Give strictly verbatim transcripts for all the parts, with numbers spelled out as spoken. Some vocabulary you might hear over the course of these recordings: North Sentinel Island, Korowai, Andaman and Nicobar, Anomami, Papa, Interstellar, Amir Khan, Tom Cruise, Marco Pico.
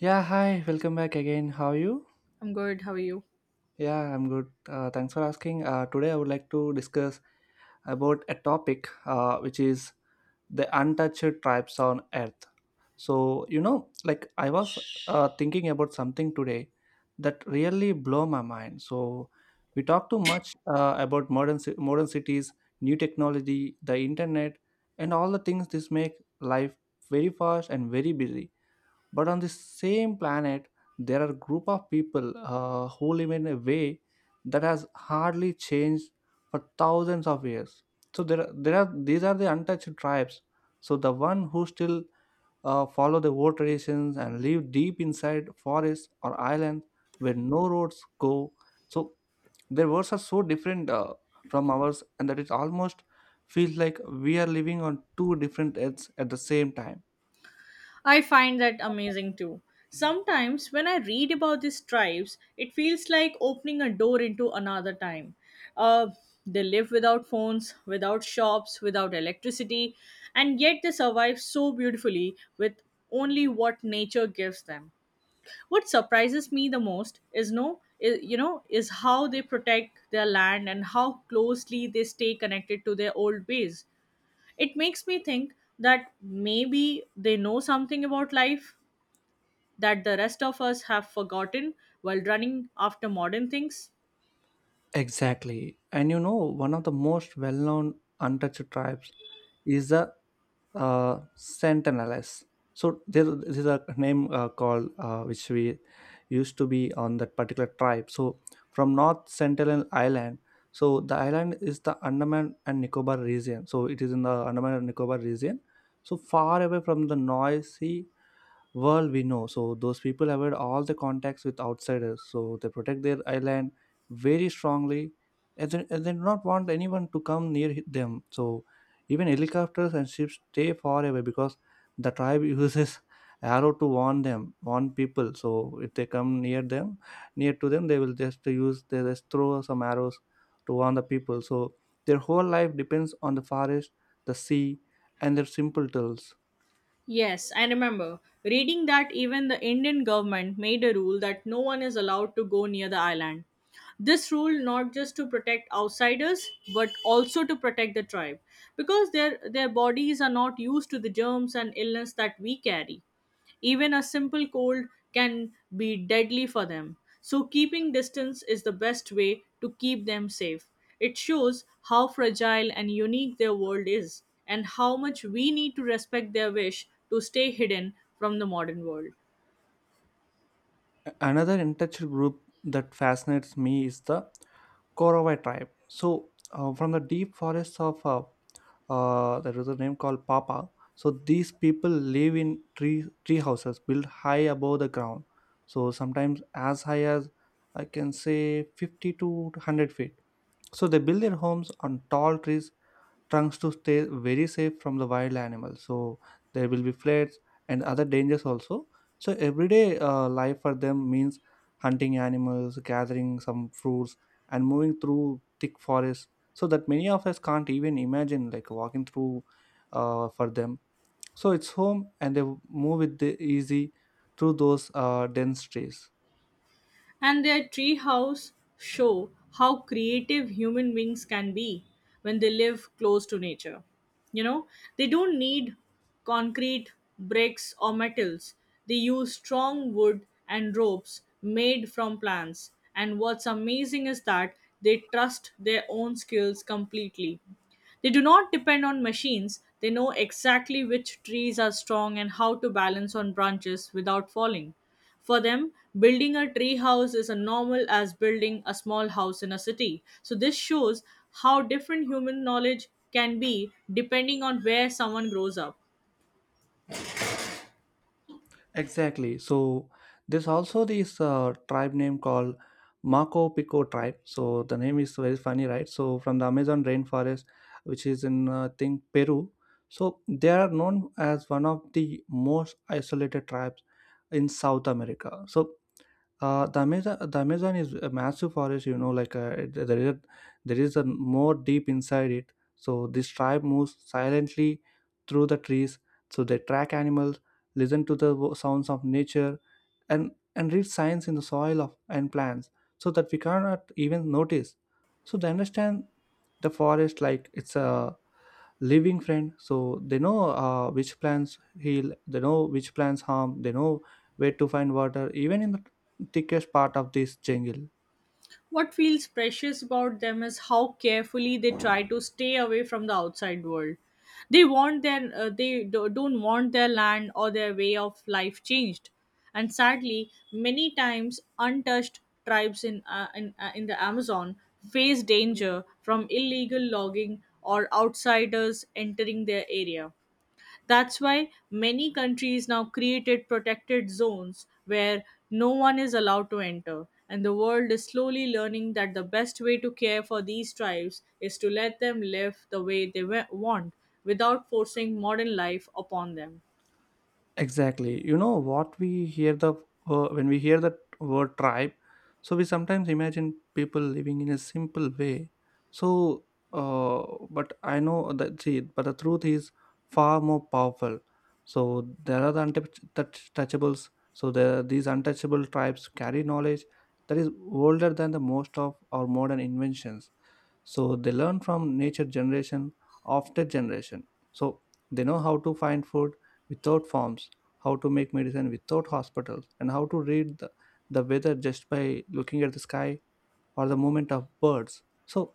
Yeah, hi, welcome back again. How are you? I'm good. How are you? Yeah, I'm good. Uh, thanks for asking. Uh, today, I would like to discuss about a topic uh, which is the untouched tribes on earth. So, you know, like I was uh, thinking about something today that really blow my mind. So, we talk too much uh, about modern ci- modern cities, new technology, the internet, and all the things this make life very fast and very busy, but on the same planet there are group of people uh, who live in a way that has hardly changed for thousands of years. So there are- there are these are the untouched tribes, so the one who still uh, follow the old traditions and live deep inside forests or islands where no roads go. So their words are so different, uh, from ours, and that it almost feels like we are living on two different earths at the same time. I find that amazing too. Sometimes when I read about these tribes, it feels like opening a door into another time. Uh, they live without phones, without shops, without electricity, and yet they survive so beautifully with only what nature gives them. What surprises me the most is no, is you know, is how they protect their land and how closely they stay connected to their old ways. It makes me think that maybe they know something about life that the rest of us have forgotten while running after modern things. Exactly. And you know, one of the most well known untouched tribes is the uh, Sentineless. So there, there's a name uh, called uh, which we used to be on that particular tribe. So from North Sentinel Island. So the island is the Andaman and Nicobar region. So it is in the Andaman and Nicobar region. So far away from the noisy world we know, so those people avoid all the contacts with outsiders, so they protect their island very strongly, and they, and they do not want anyone to come near them. So even helicopters and ships stay far away, because the tribe uses arrow to warn them, warn people. So if they come near them, near to them, they will just use, they just throw some arrows to warn the people. So their whole life depends on the forest, the sea, and their simple tools. Yes, I remember reading that even the Indian government made a rule that no one is allowed to go near the island. This rule not just to protect outsiders but also to protect the tribe because their their bodies are not used to the germs and illness that we carry. Even a simple cold can be deadly for them. So, keeping distance is the best way to keep them safe. It shows how fragile and unique their world is, and how much we need to respect their wish to stay hidden from the modern world. Another untouched group that fascinates me is the Korowai tribe. So, uh, from the deep forests of uh, uh, there is a name called Papa. So these people live in tree tree houses built high above the ground. So sometimes as high as I can say fifty to one hundred feet. So they build their homes on tall trees trunks to stay very safe from the wild animals. So there will be floods and other dangers also. So everyday uh, life for them means hunting animals, gathering some fruits, and moving through thick forests, so that many of us can't even imagine, like walking through uh, for them, so it's home, and they move with the easy through those uh, dense trees. And their treehouse show how creative human beings can be when they live close to nature. You know, they don't need concrete, bricks, or metals. They use strong wood and ropes made from plants. And what's amazing is that they trust their own skills completely. They do not depend on machines, they know exactly which trees are strong and how to balance on branches without falling. For them, building a tree house is as normal as building a small house in a city. So, this shows how different human knowledge can be depending on where someone grows up. Exactly. So there's also this uh, tribe name called Marco Pico tribe. So the name is very funny, right? So from the Amazon rainforest, which is in uh, I think Peru. So they are known as one of the most isolated tribes in South America. So uh, the Amazon, the Amazon is a massive forest. You know, like uh, it- there is there is a more deep inside it. So this tribe moves silently through the trees. So they track animals, listen to the wo- sounds of nature, and and read signs in the soil of and plants, so that we cannot even notice. So they understand the forest like it's a living friend. So they know uh, which plants heal, they know which plants harm, they know where to find water even in the thickest part of this jungle. What feels precious about them is how carefully they try to stay away from the outside world. They want their uh, they do- don't want their land or their way of life changed. And sadly, many times untouched tribes in uh, in, uh, in the Amazon face danger from illegal logging or outsiders entering their area. That's why many countries now created protected zones where no one is allowed to enter. And the world is slowly learning that the best way to care for these tribes is to let them live the way they wa- want without forcing modern life upon them. Exactly. You know what we hear the uh, when we hear the word tribe, so we sometimes imagine people living in a simple way. So, uh, but I know that see, but the truth is far more powerful. So there are the untouchables. So there these untouchable tribes carry knowledge that is older than the most of our modern inventions. So they learn from nature, generation after generation. So they know how to find food without farms, how to make medicine without hospitals, and how to read the, the weather just by looking at the sky or the movement of birds. So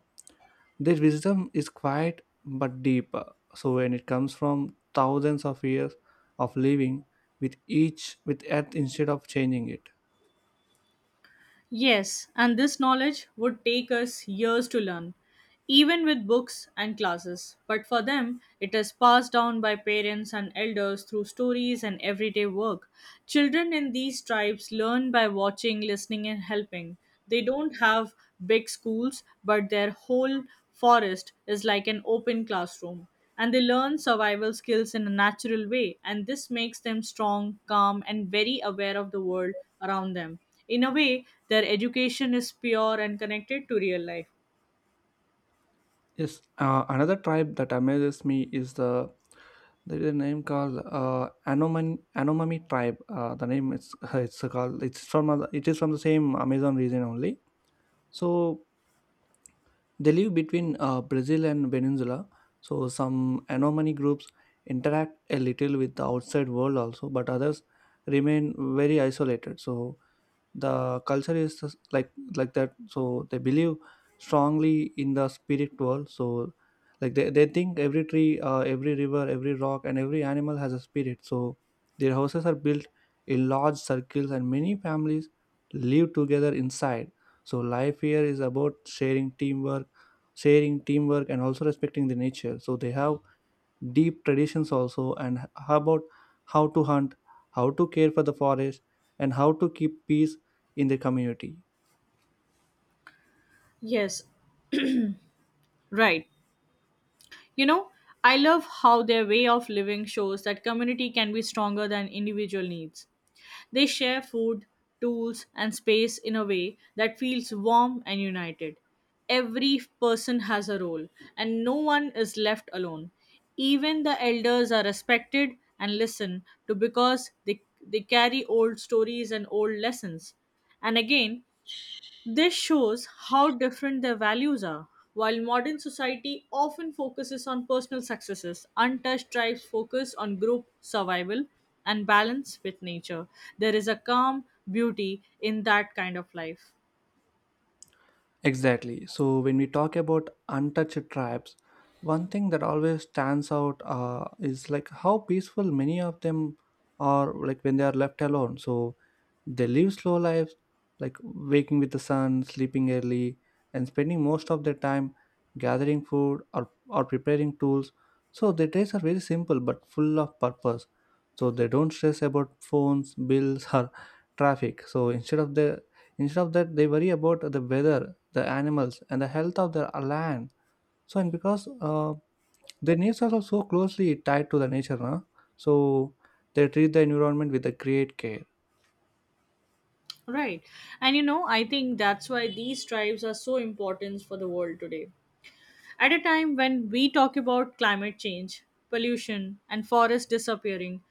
their wisdom is quiet but deep, so when it comes from thousands of years of living with each with earth instead of changing it. Yes, and this knowledge would take us years to learn, even with books and classes. But for them, it is passed down by parents and elders through stories and everyday work. Children in these tribes learn by watching, listening, and helping. They don't have big schools, but their whole forest is like an open classroom. And they learn survival skills in a natural way, and this makes them strong, calm, and very aware of the world around them. In a way, their education is pure and connected to real life. Yes, uh, another tribe that amazes me is the, there is a name called uh, Anoman Anomami tribe. Uh, the name is it's called it's from uh, it is from the same Amazon region only. So they live between uh, Brazil and Venezuela. So some Anomani groups interact a little with the outside world also, but others remain very isolated. So the culture is just like like that. So they believe strongly in the spirit world. So like they, they think every tree uh, every river, every rock, and every animal has a spirit. So their houses are built in large circles, and many families live together inside. So life here is about sharing teamwork, sharing teamwork and also respecting the nature. So they have deep traditions also, and h- how about how to hunt, how to care for the forest, and how to keep peace in the community. Yes, right. You know, I love how their way of living shows that community can be stronger than individual needs. They share food, tools, and space in a way that feels warm and united. Every person has a role, and no one is left alone. Even the elders are respected and listened to because they, they carry old stories and old lessons. And again, this shows how different their values are. While modern society often focuses on personal successes, untouched tribes focus on group survival and balance with nature. There is a calm beauty in that kind of life. Exactly. So when we talk about untouched tribes, one thing that always stands out uh, is like how peaceful many of them are like when they are left alone. So they live slow lives, like waking with the sun, sleeping early, and spending most of their time gathering food, or, or preparing tools. So their days are very simple but full of purpose. So they don't stress about phones, bills, or traffic. So instead of the instead of that, they worry about the weather, the animals, and the health of their land. So, and because uh, their needs are so closely tied to the nature, no? So they treat the environment with a great care. Right. And you know, I think that's why these tribes are so important for the world today. At a time when we talk about climate change, pollution, and forests disappearing,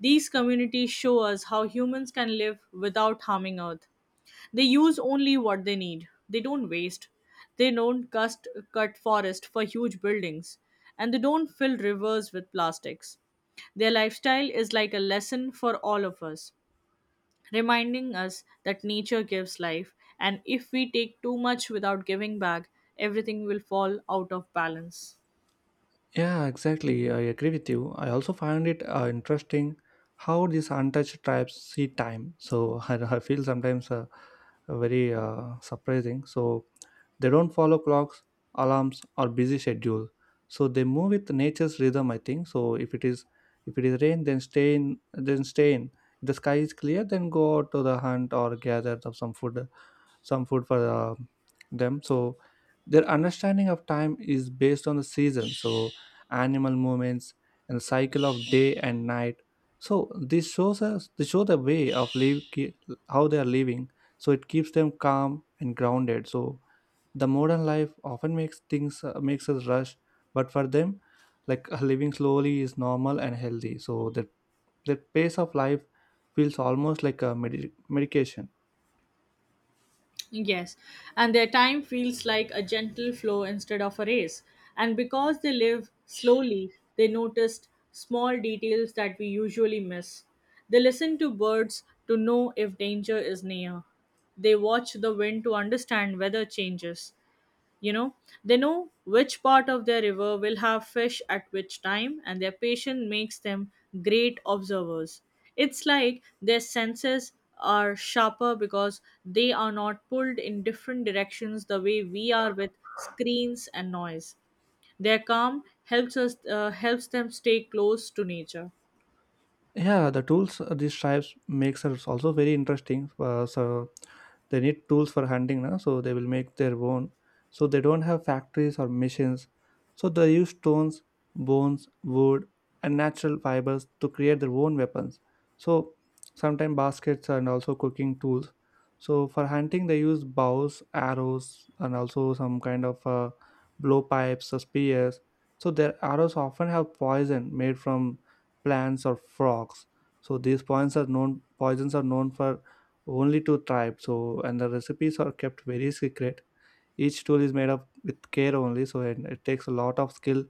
these communities show us how humans can live without harming Earth. They use only what they need. They don't waste. They don't cust- cut forest for huge buildings. And they don't fill rivers with plastics. Their lifestyle is like a lesson for all of us, reminding us that nature gives life, and if we take too much without giving back, everything will fall out of balance. Yeah, exactly. I agree with you. I also find it uh, interesting how these untouched tribes see time. So I, I feel sometimes uh, very uh, surprising. So they don't follow clocks, alarms, or busy schedule. So they move with nature's rhythm, I think. So if it is if it is rain, then stay in then stay in. If the sky is clear, then go out to the hunt or gather the- some food, some food for uh, them. So their understanding of time is based on the season. So animal movements and the cycle of day and night. So this shows us this show the way of live, ki- how they are living. So it keeps them calm and grounded. So the modern life often makes things uh, makes us rush, but for them, like, living slowly is normal and healthy. So that that pace of life feels almost like a medi- medication. Yes, and their time feels like a gentle flow instead of a race. And because they live slowly, they noticed small details that we usually miss. They listen to birds to know if danger is near. They watch the wind to understand weather changes. You know, they know which part of their river will have fish at which time, and their patience makes them great observers. It's like their senses are sharper because they are not pulled in different directions the way we are with screens and noise. Their calm helps us uh, helps them stay close to nature. Yeah, the tools uh, these tribes makes are also very interesting, uh, so they need tools for hunting na. So they will make their own. So they don't have factories or machines. So they use stones, bones, wood, and natural fibers to create their own weapons. So sometimes baskets and also cooking tools. So for hunting they use bows, arrows, and also some kind of uh, blowpipes or spears. So their arrows often have poison made from plants or frogs. So these poisons are known poisons are known for only two tribes. So and the recipes are kept very secret. Each tool is made up with care only. So and it takes a lot of skill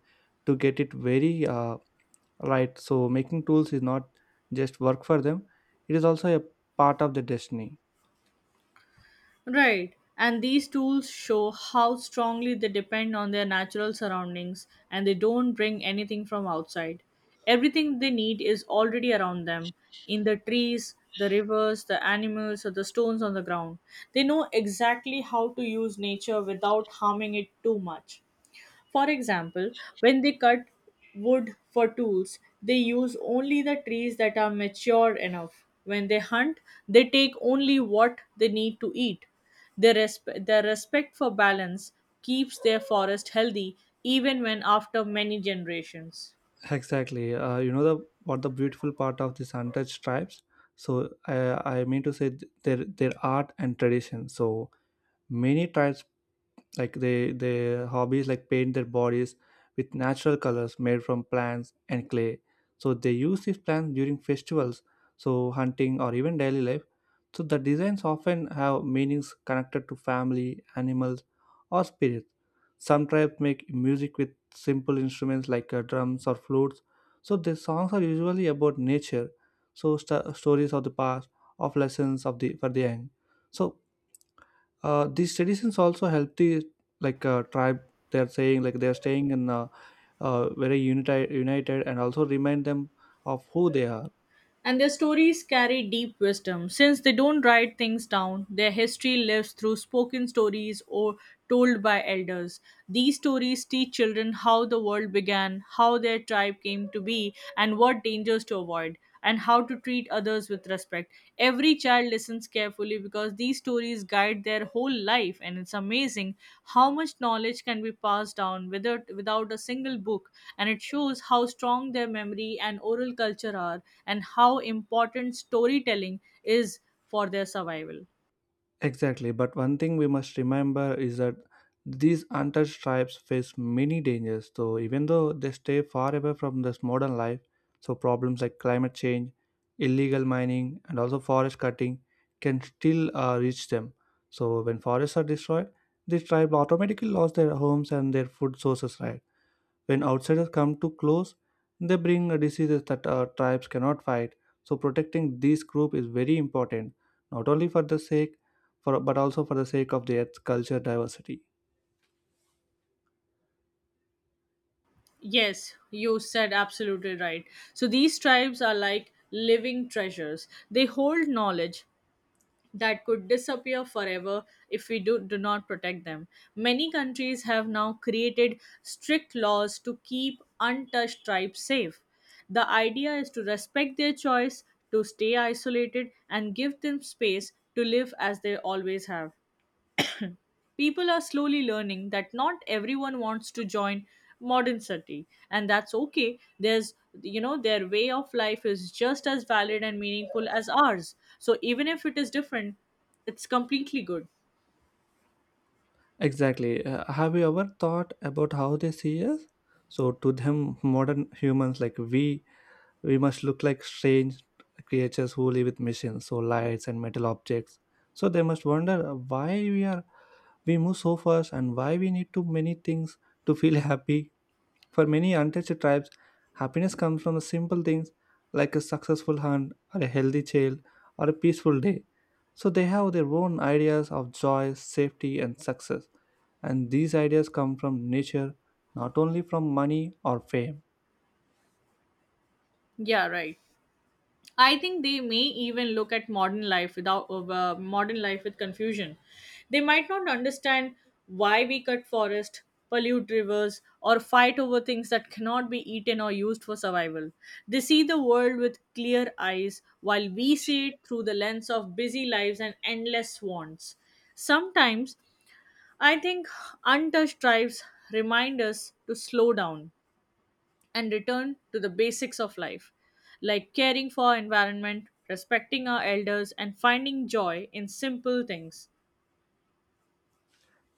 to get it very uh, right. So making tools is not just work for them, it is also a part of their destiny. Right. And these tools show how strongly they depend on their natural surroundings, and they don't bring anything from outside. Everything they need is already around them in the trees, the rivers, the animals, or the stones on the ground. They know exactly how to use nature without harming it too much. For example, when they cut wood for tools, they use only the trees that are mature enough. When they hunt, they take only what they need to eat. Their, resp- their respect for balance keeps their forest healthy even when after many generations. Exactly, uh, you know the what the beautiful part of these untouched tribes. So i i mean to say th- their their art and tradition. So many tribes, like they, their hobbies, like paint their bodies with natural colors made from plants and clay. So they use these plants during festivals, so hunting or even daily life. So the designs often have meanings connected to family, animals, or spirits. Some tribes make music with simple instruments like uh, drums or flutes. So their songs are usually about nature, so st- stories of the past, of lessons of the for the young. So uh, these traditions also help the, like, uh, tribe, they're saying, like they're staying in uh, uh, very united united, and also remind them of who they are. And their stories carry deep wisdom. Since they don't write things down, their history lives through spoken stories or told by elders. These stories teach children how the world began, how their tribe came to be, and what dangers to avoid, and how to treat others with respect. Every child listens carefully because these stories guide their whole life, and it's amazing how much knowledge can be passed down without, without a single book. And it shows how strong their memory and oral culture are, and how important storytelling is for their survival. Exactly, but one thing we must remember is that these untouched tribes face many dangers. So even though they stay far away from this modern life, so problems like climate change, illegal mining, and also forest cutting can still uh, reach them. So when forests are destroyed, these tribes automatically lost their homes and their food sources, right? When outsiders come too close, they bring uh, diseases that our tribes cannot fight. So protecting this group is very important, not only for the sake, for but also for the sake of their culture diversity. Yes, you said absolutely right. So these tribes are like living treasures. They hold knowledge that could disappear forever if we do, do not protect them. Many countries have now created strict laws to keep untouched tribes safe. The idea is to respect their choice to stay isolated and give them space to live as they always have. People are slowly learning that not everyone wants to join modern city, and that's okay. There's, you know, their way of life is just as valid and meaningful as ours, so even if it is different, it's completely good. Exactly. Uh, have you ever thought about how they see us? So to them, modern humans like we, we must look like strange creatures who live with machines, so lights and metal objects. So they must wonder why we are we move so fast and why we need too many things to feel happy. For many untouched tribes, happiness comes from the simple things like a successful hunt, or a healthy child, or a peaceful day. So they have their own ideas of joy, safety, and success. And these ideas come from nature, not only from money or fame. Yeah, right. I think they may even look at modern life without uh, uh, modern life with confusion. They might not understand why we cut forests, pollute rivers, or fight over things that cannot be eaten or used for survival. They see the world with clear eyes, while we see it through the lens of busy lives and endless wants. Sometimes, I think untouched tribes remind us to slow down and return to the basics of life, like caring for our environment, respecting our elders, and finding joy in simple things.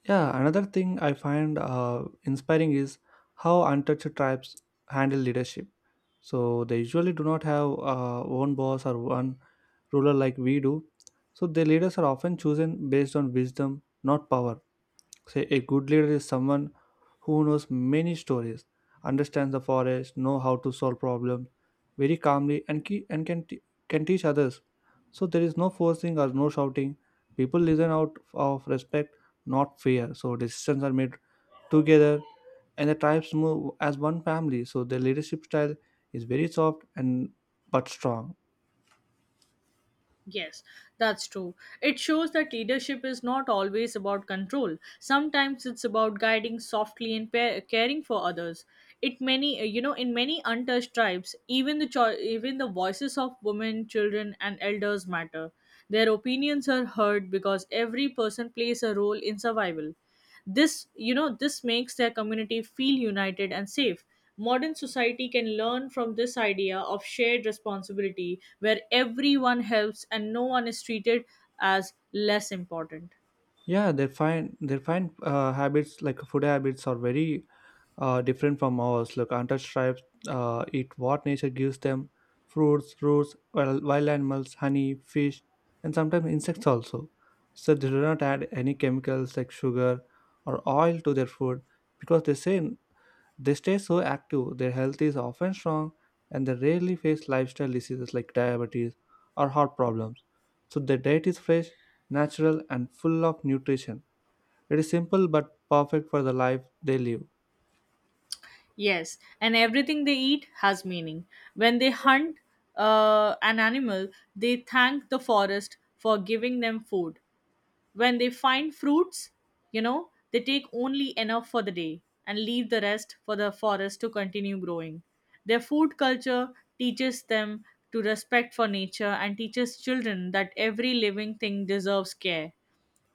Yeah, another thing I find uh, inspiring is how untouched tribes handle leadership. So they usually do not have uh, one boss or one ruler like we do. So their leaders are often chosen based on wisdom, not power. Say a good leader is someone who knows many stories, understands the forest, know how to solve problems very calmly, and key, and can t- can teach others. So there is no forcing or no shouting. People listen out of respect, not fear. So decisions are made together, and the tribes move as one family. So their leadership style is very soft and but strong. Yes, that's true. It shows that leadership is not always about control. Sometimes it's about guiding softly and pa- caring for others. It many uh, you know, in many untouched tribes, even the cho- even the voices of women, children, and elders matter. Their opinions are heard because every person plays a role in survival. This, you know, this makes their community feel united and safe. Modern society can learn from this idea of shared responsibility where everyone helps and no one is treated as less important. Yeah, their fine their fine uh, habits like food habits are very uh, different from ours. Look, hunter tribes uh, eat what nature gives them: fruits, roots, wild, wild animals, honey, fish, and sometimes insects also. So they do not add any chemicals like sugar or oil to their food because they say they stay so active, their health is often strong, and they rarely face lifestyle diseases like diabetes or heart problems. So their diet is fresh, natural, and full of nutrition. It is simple but perfect for the life they live. Yes, and everything they eat has meaning. When they hunt uh, an animal, they thank the forest for giving them food. When they find fruits, you know, they take only enough for the day and leave the rest for the forest to continue growing. Their food culture teaches them to respect for nature and teaches children that every living thing deserves care.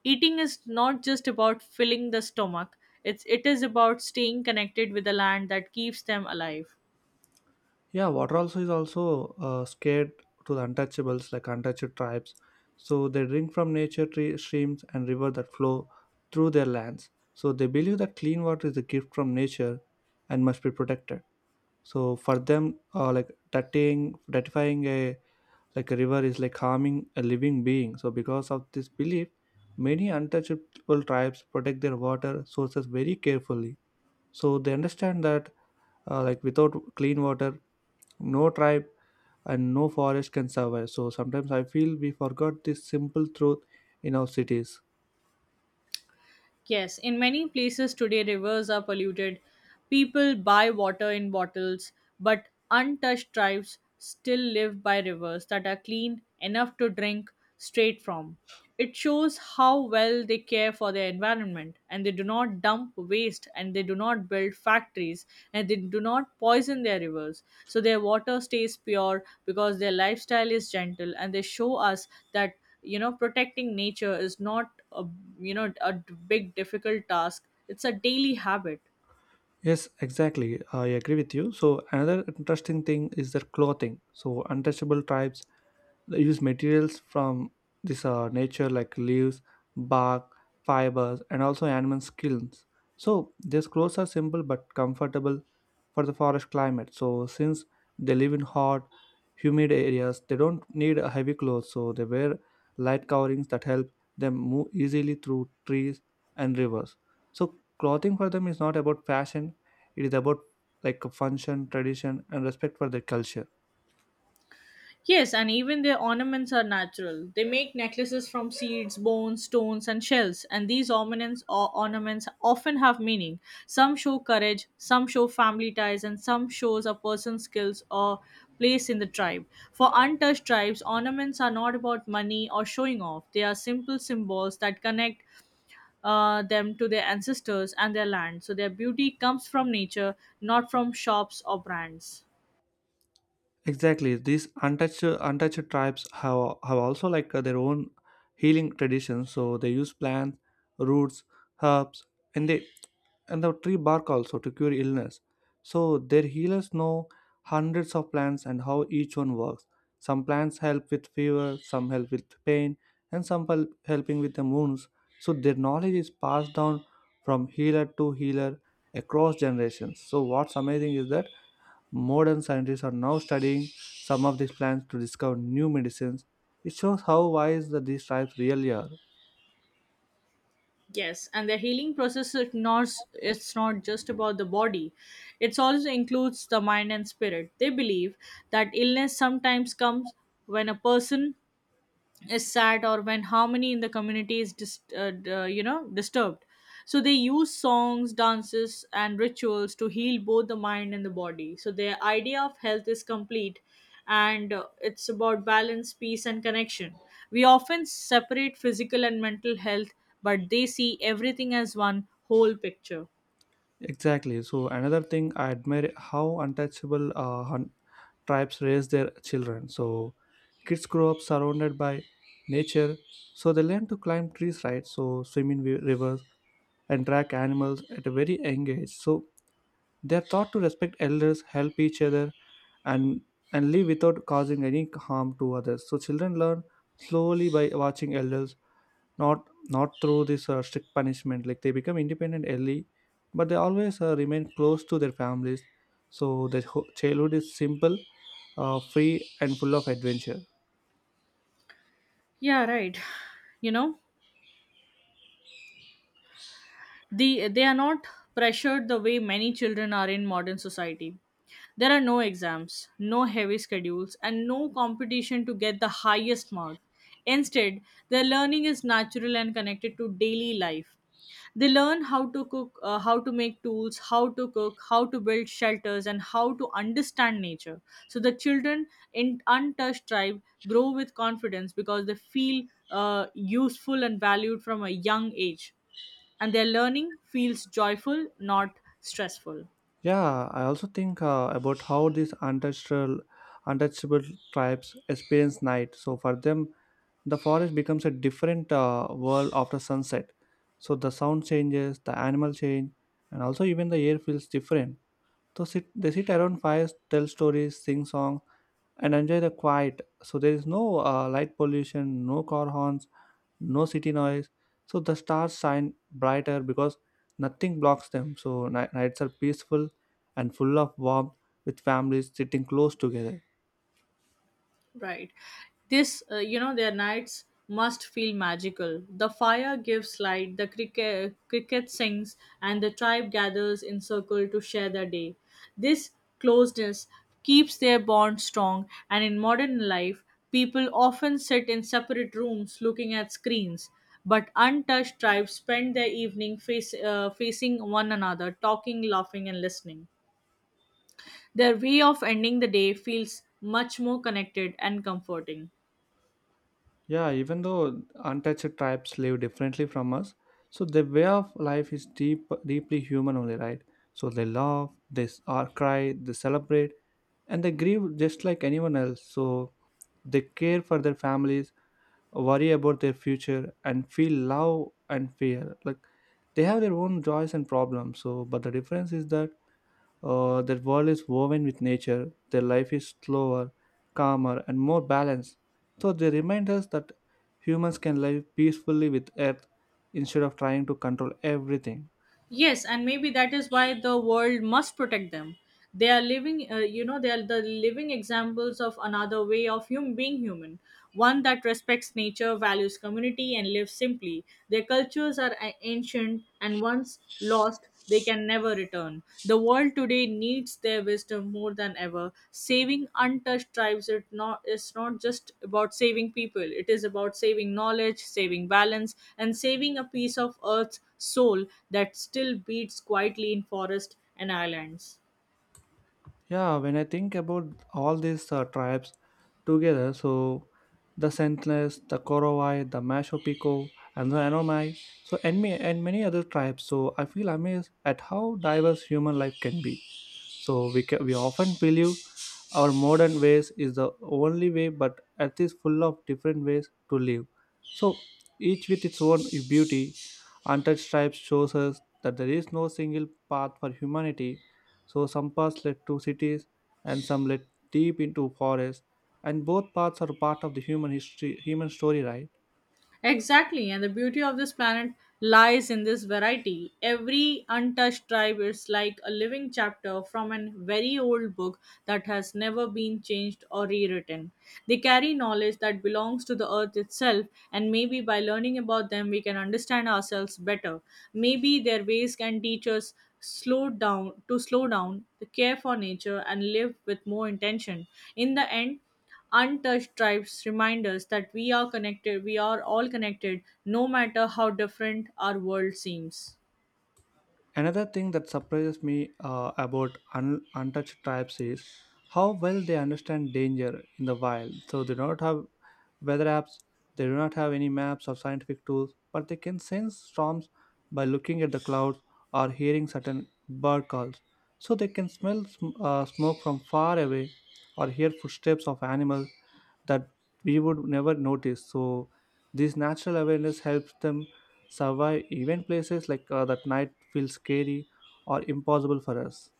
Eating is not just about filling the stomach, it's, it is about staying connected with the land that keeps them alive. Yeah, water also is also uh, scared to the untouchables like untouched tribes. So they drink from nature tree, streams and rivers that flow through their lands. So they believe that clean water is a gift from nature and must be protected. So for them, uh, like dirtying dirtifying a like a river is like harming a living being. So because of this belief, many untouchable tribes protect their water sources very carefully. So they understand that uh, like without clean water, no tribe and no forest can survive. So sometimes I feel we forgot this simple truth in our cities. Yes, in many places today, rivers are polluted. People buy water in bottles, but untouched tribes still live by rivers that are clean enough to drink straight from. It shows how well they care for their environment, and they do not dump waste, and they do not build factories, and they do not poison their rivers. So their water stays pure because their lifestyle is gentle, and they show us that, you know, protecting nature is not a, you know, a d- big difficult task, it's a daily habit. Yes, exactly. I agree with you. So another interesting thing is their clothing. So untouchable tribes, they use materials from this uh, nature like leaves, bark, fibers, and also animal skins. So their clothes are simple but comfortable for the forest climate. So since they live in hot, humid areas, they don't need a heavy clothes. So they wear light coverings that help them move easily through trees and rivers. So clothing for them is not about fashion, it is about like a function, tradition, and respect for their culture. Yes, and even their ornaments are natural. They make necklaces from seeds, bones, stones, and shells, and these ornaments or ornaments often have meaning. Some show courage, some show family ties, and some shows a person's skills or place in the tribe. For untouched tribes, ornaments are not about money or showing off. They are simple symbols that connect uh, them to their ancestors and their land. So their beauty comes from nature, not from shops or brands. Exactly, these untouched untouched tribes have have also like uh, their own healing traditions. So they use plants, roots, herbs, and they and the tree bark also to cure illness. So their healers know hundreds of plants and how each one works. Some plants help with fever, some help with pain, and some help helping with the wounds. So their knowledge is passed down from healer to healer across generations. So what's amazing is that modern scientists are now studying some of these plants to discover new medicines. It shows how wise the these tribes really are. Yes, and the healing process is not. It's not just about the body. It also includes the mind and spirit. They believe that illness sometimes comes when a person is sad or when harmony in the community is dis- uh, d- uh, you know disturbed. So they use songs, dances and rituals to heal both the mind and the body. So their idea of health is complete, and uh, it's about balance, peace and connection. We often separate physical and mental health, but they see everything as one whole picture. Exactly. So another thing I admire how untouchable uh, hun- tribes raise their children. So kids grow up surrounded by nature, so they learn to climb trees, right? So swim in wi- rivers and track animals at a very young age. So they are taught to respect elders, help each other, and and live without causing any harm to others. So children learn slowly by watching elders, not not through this uh, strict punishment. Like they become independent early but they always uh, remain close to their families. So their ho- childhood is simple, uh, free and full of adventure. Yeah, right. you know the, they are not pressured the way many children are in modern society. There are no exams, no heavy schedules, and no competition to get the highest mark. Instead, their learning is natural and connected to daily life. They learn how to cook, uh, how to make tools, how to cook, how to build shelters, and how to understand nature. So the children in untouched tribe grow with confidence because they feel uh, useful and valued from a young age, and their learning feels joyful, not stressful. Yeah, I also think uh, about how these untouchable untouchable tribes experience night. So for them, the forest becomes a different uh, world after sunset. So the sound changes, the animal change, and also even the air feels different. So sit, they sit around fires, tell stories, sing songs, and enjoy the quiet. So there is no uh, light pollution, no car horns, no city noise. So the stars shine brighter because nothing blocks them. So ni- nights are peaceful and full of warmth with families sitting close together. Right. This, uh, you know, their nights must feel magical. The fire gives light, the cricket, cricket sings, and the tribe gathers in circle to share their day. This closeness keeps their bond strong, and in modern life, people often sit in separate rooms looking at screens. But untouched tribes spend their evening face, uh, facing one another, talking, laughing, and listening. Their way of ending the day feels much more connected and comforting. Yeah, even though untouched tribes live differently from us, so their way of life is deep, deeply human only, right? So they laugh, they s- or cry, they celebrate, and they grieve just like anyone else. So they care for their families, worry about their future and feel love and fear. Like they have their own joys and problems. So but the difference is that uh, their world is woven with nature. Their life is slower, calmer and more balanced. So they remind us that humans can live peacefully with earth instead of trying to control everything. Yes, and maybe that is why the world must protect them. They are living, uh, you know, they are the living examples of another way of hum- being human, one that respects nature, values community, and lives simply. Their cultures are a- ancient, and once lost, they can never return. The world today needs their wisdom more than ever. Saving untouched tribes, it not it's not just about saving people. It is about saving knowledge, saving balance, and saving a piece of earth's soul that still beats quietly in forests and islands. Yeah, when I think about all these uh, tribes together, so the Sentinels, the Korowai, the Masho Pico, and the Anomai, so and, me, and many other tribes, so I feel amazed at how diverse human life can be. So we ca- we often believe our modern ways is the only way, but earth is full of different ways to live. So each with its own beauty. Untouched stripes shows us that there is no single path for humanity. So some paths led to cities, and some led deep into forests. And both paths are part of the human history, human story, right? Exactly, and the beauty of this planet lies in this variety. Every untouched tribe is like a living chapter from a very old book that has never been changed or rewritten. They carry knowledge that belongs to the earth itself, and maybe by learning about them, we can understand ourselves better. Maybe their ways can teach us slow down to slow down, to care for nature and live with more intention. In the end, untouched tribes remind us that we are connected, we are all connected, no matter how different our world seems. Another thing that surprises me uh, about un- untouched tribes is how well they understand danger in the wild. So they do not have weather apps, they do not have any maps or scientific tools, but they can sense storms by looking at the clouds or hearing certain bird calls. So they can smell sm- uh, smoke from far away or hear footsteps of animals that we would never notice. So this natural awareness helps them survive even places like uh, that night feel scary or impossible for us.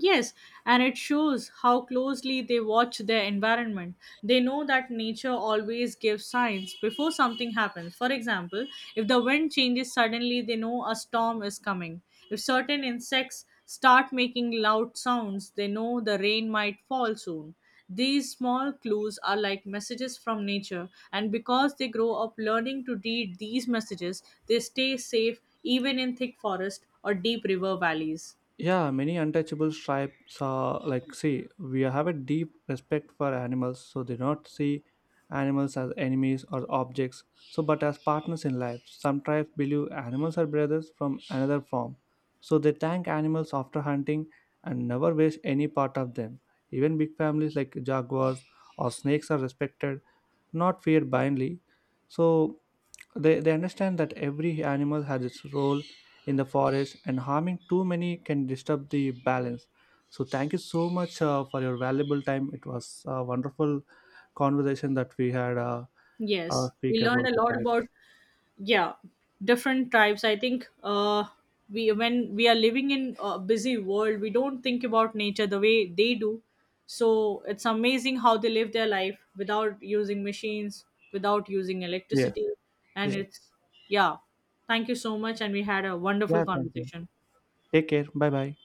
Yes, and it shows how closely they watch their environment. They know that nature always gives signs before something happens. For example, if the wind changes suddenly, they know a storm is coming. If certain insects start making loud sounds, they know the rain might fall soon. These small clues are like messages from nature, and because they grow up learning to read these messages, they stay safe even in thick forest or deep river valleys. Yeah, many untouchable tribes are like, see, we have a deep respect for animals, so they not see animals as enemies or objects, so but as partners in life. Some tribes believe animals are brothers from another form, so they thank animals after hunting and never waste any part of them. Even big families like jaguars or snakes are respected, not feared blindly. So they, they understand that every animal has its role in the forest and harming too many can disturb the balance. So, thank you so much uh, for your valuable time. It was a wonderful conversation that we had uh, uh, Yes, we speak learn about a the lot pets. about, yeah, different tribes. I think uh, we when we are living in a busy world, we don't think about nature the way they do. So it's amazing how they live their life without using machines, without using Yes. electricity, Yeah. and it's yeah. Thank you so much, and we had a wonderful Yeah, thank you. conversation. Take care. Bye bye.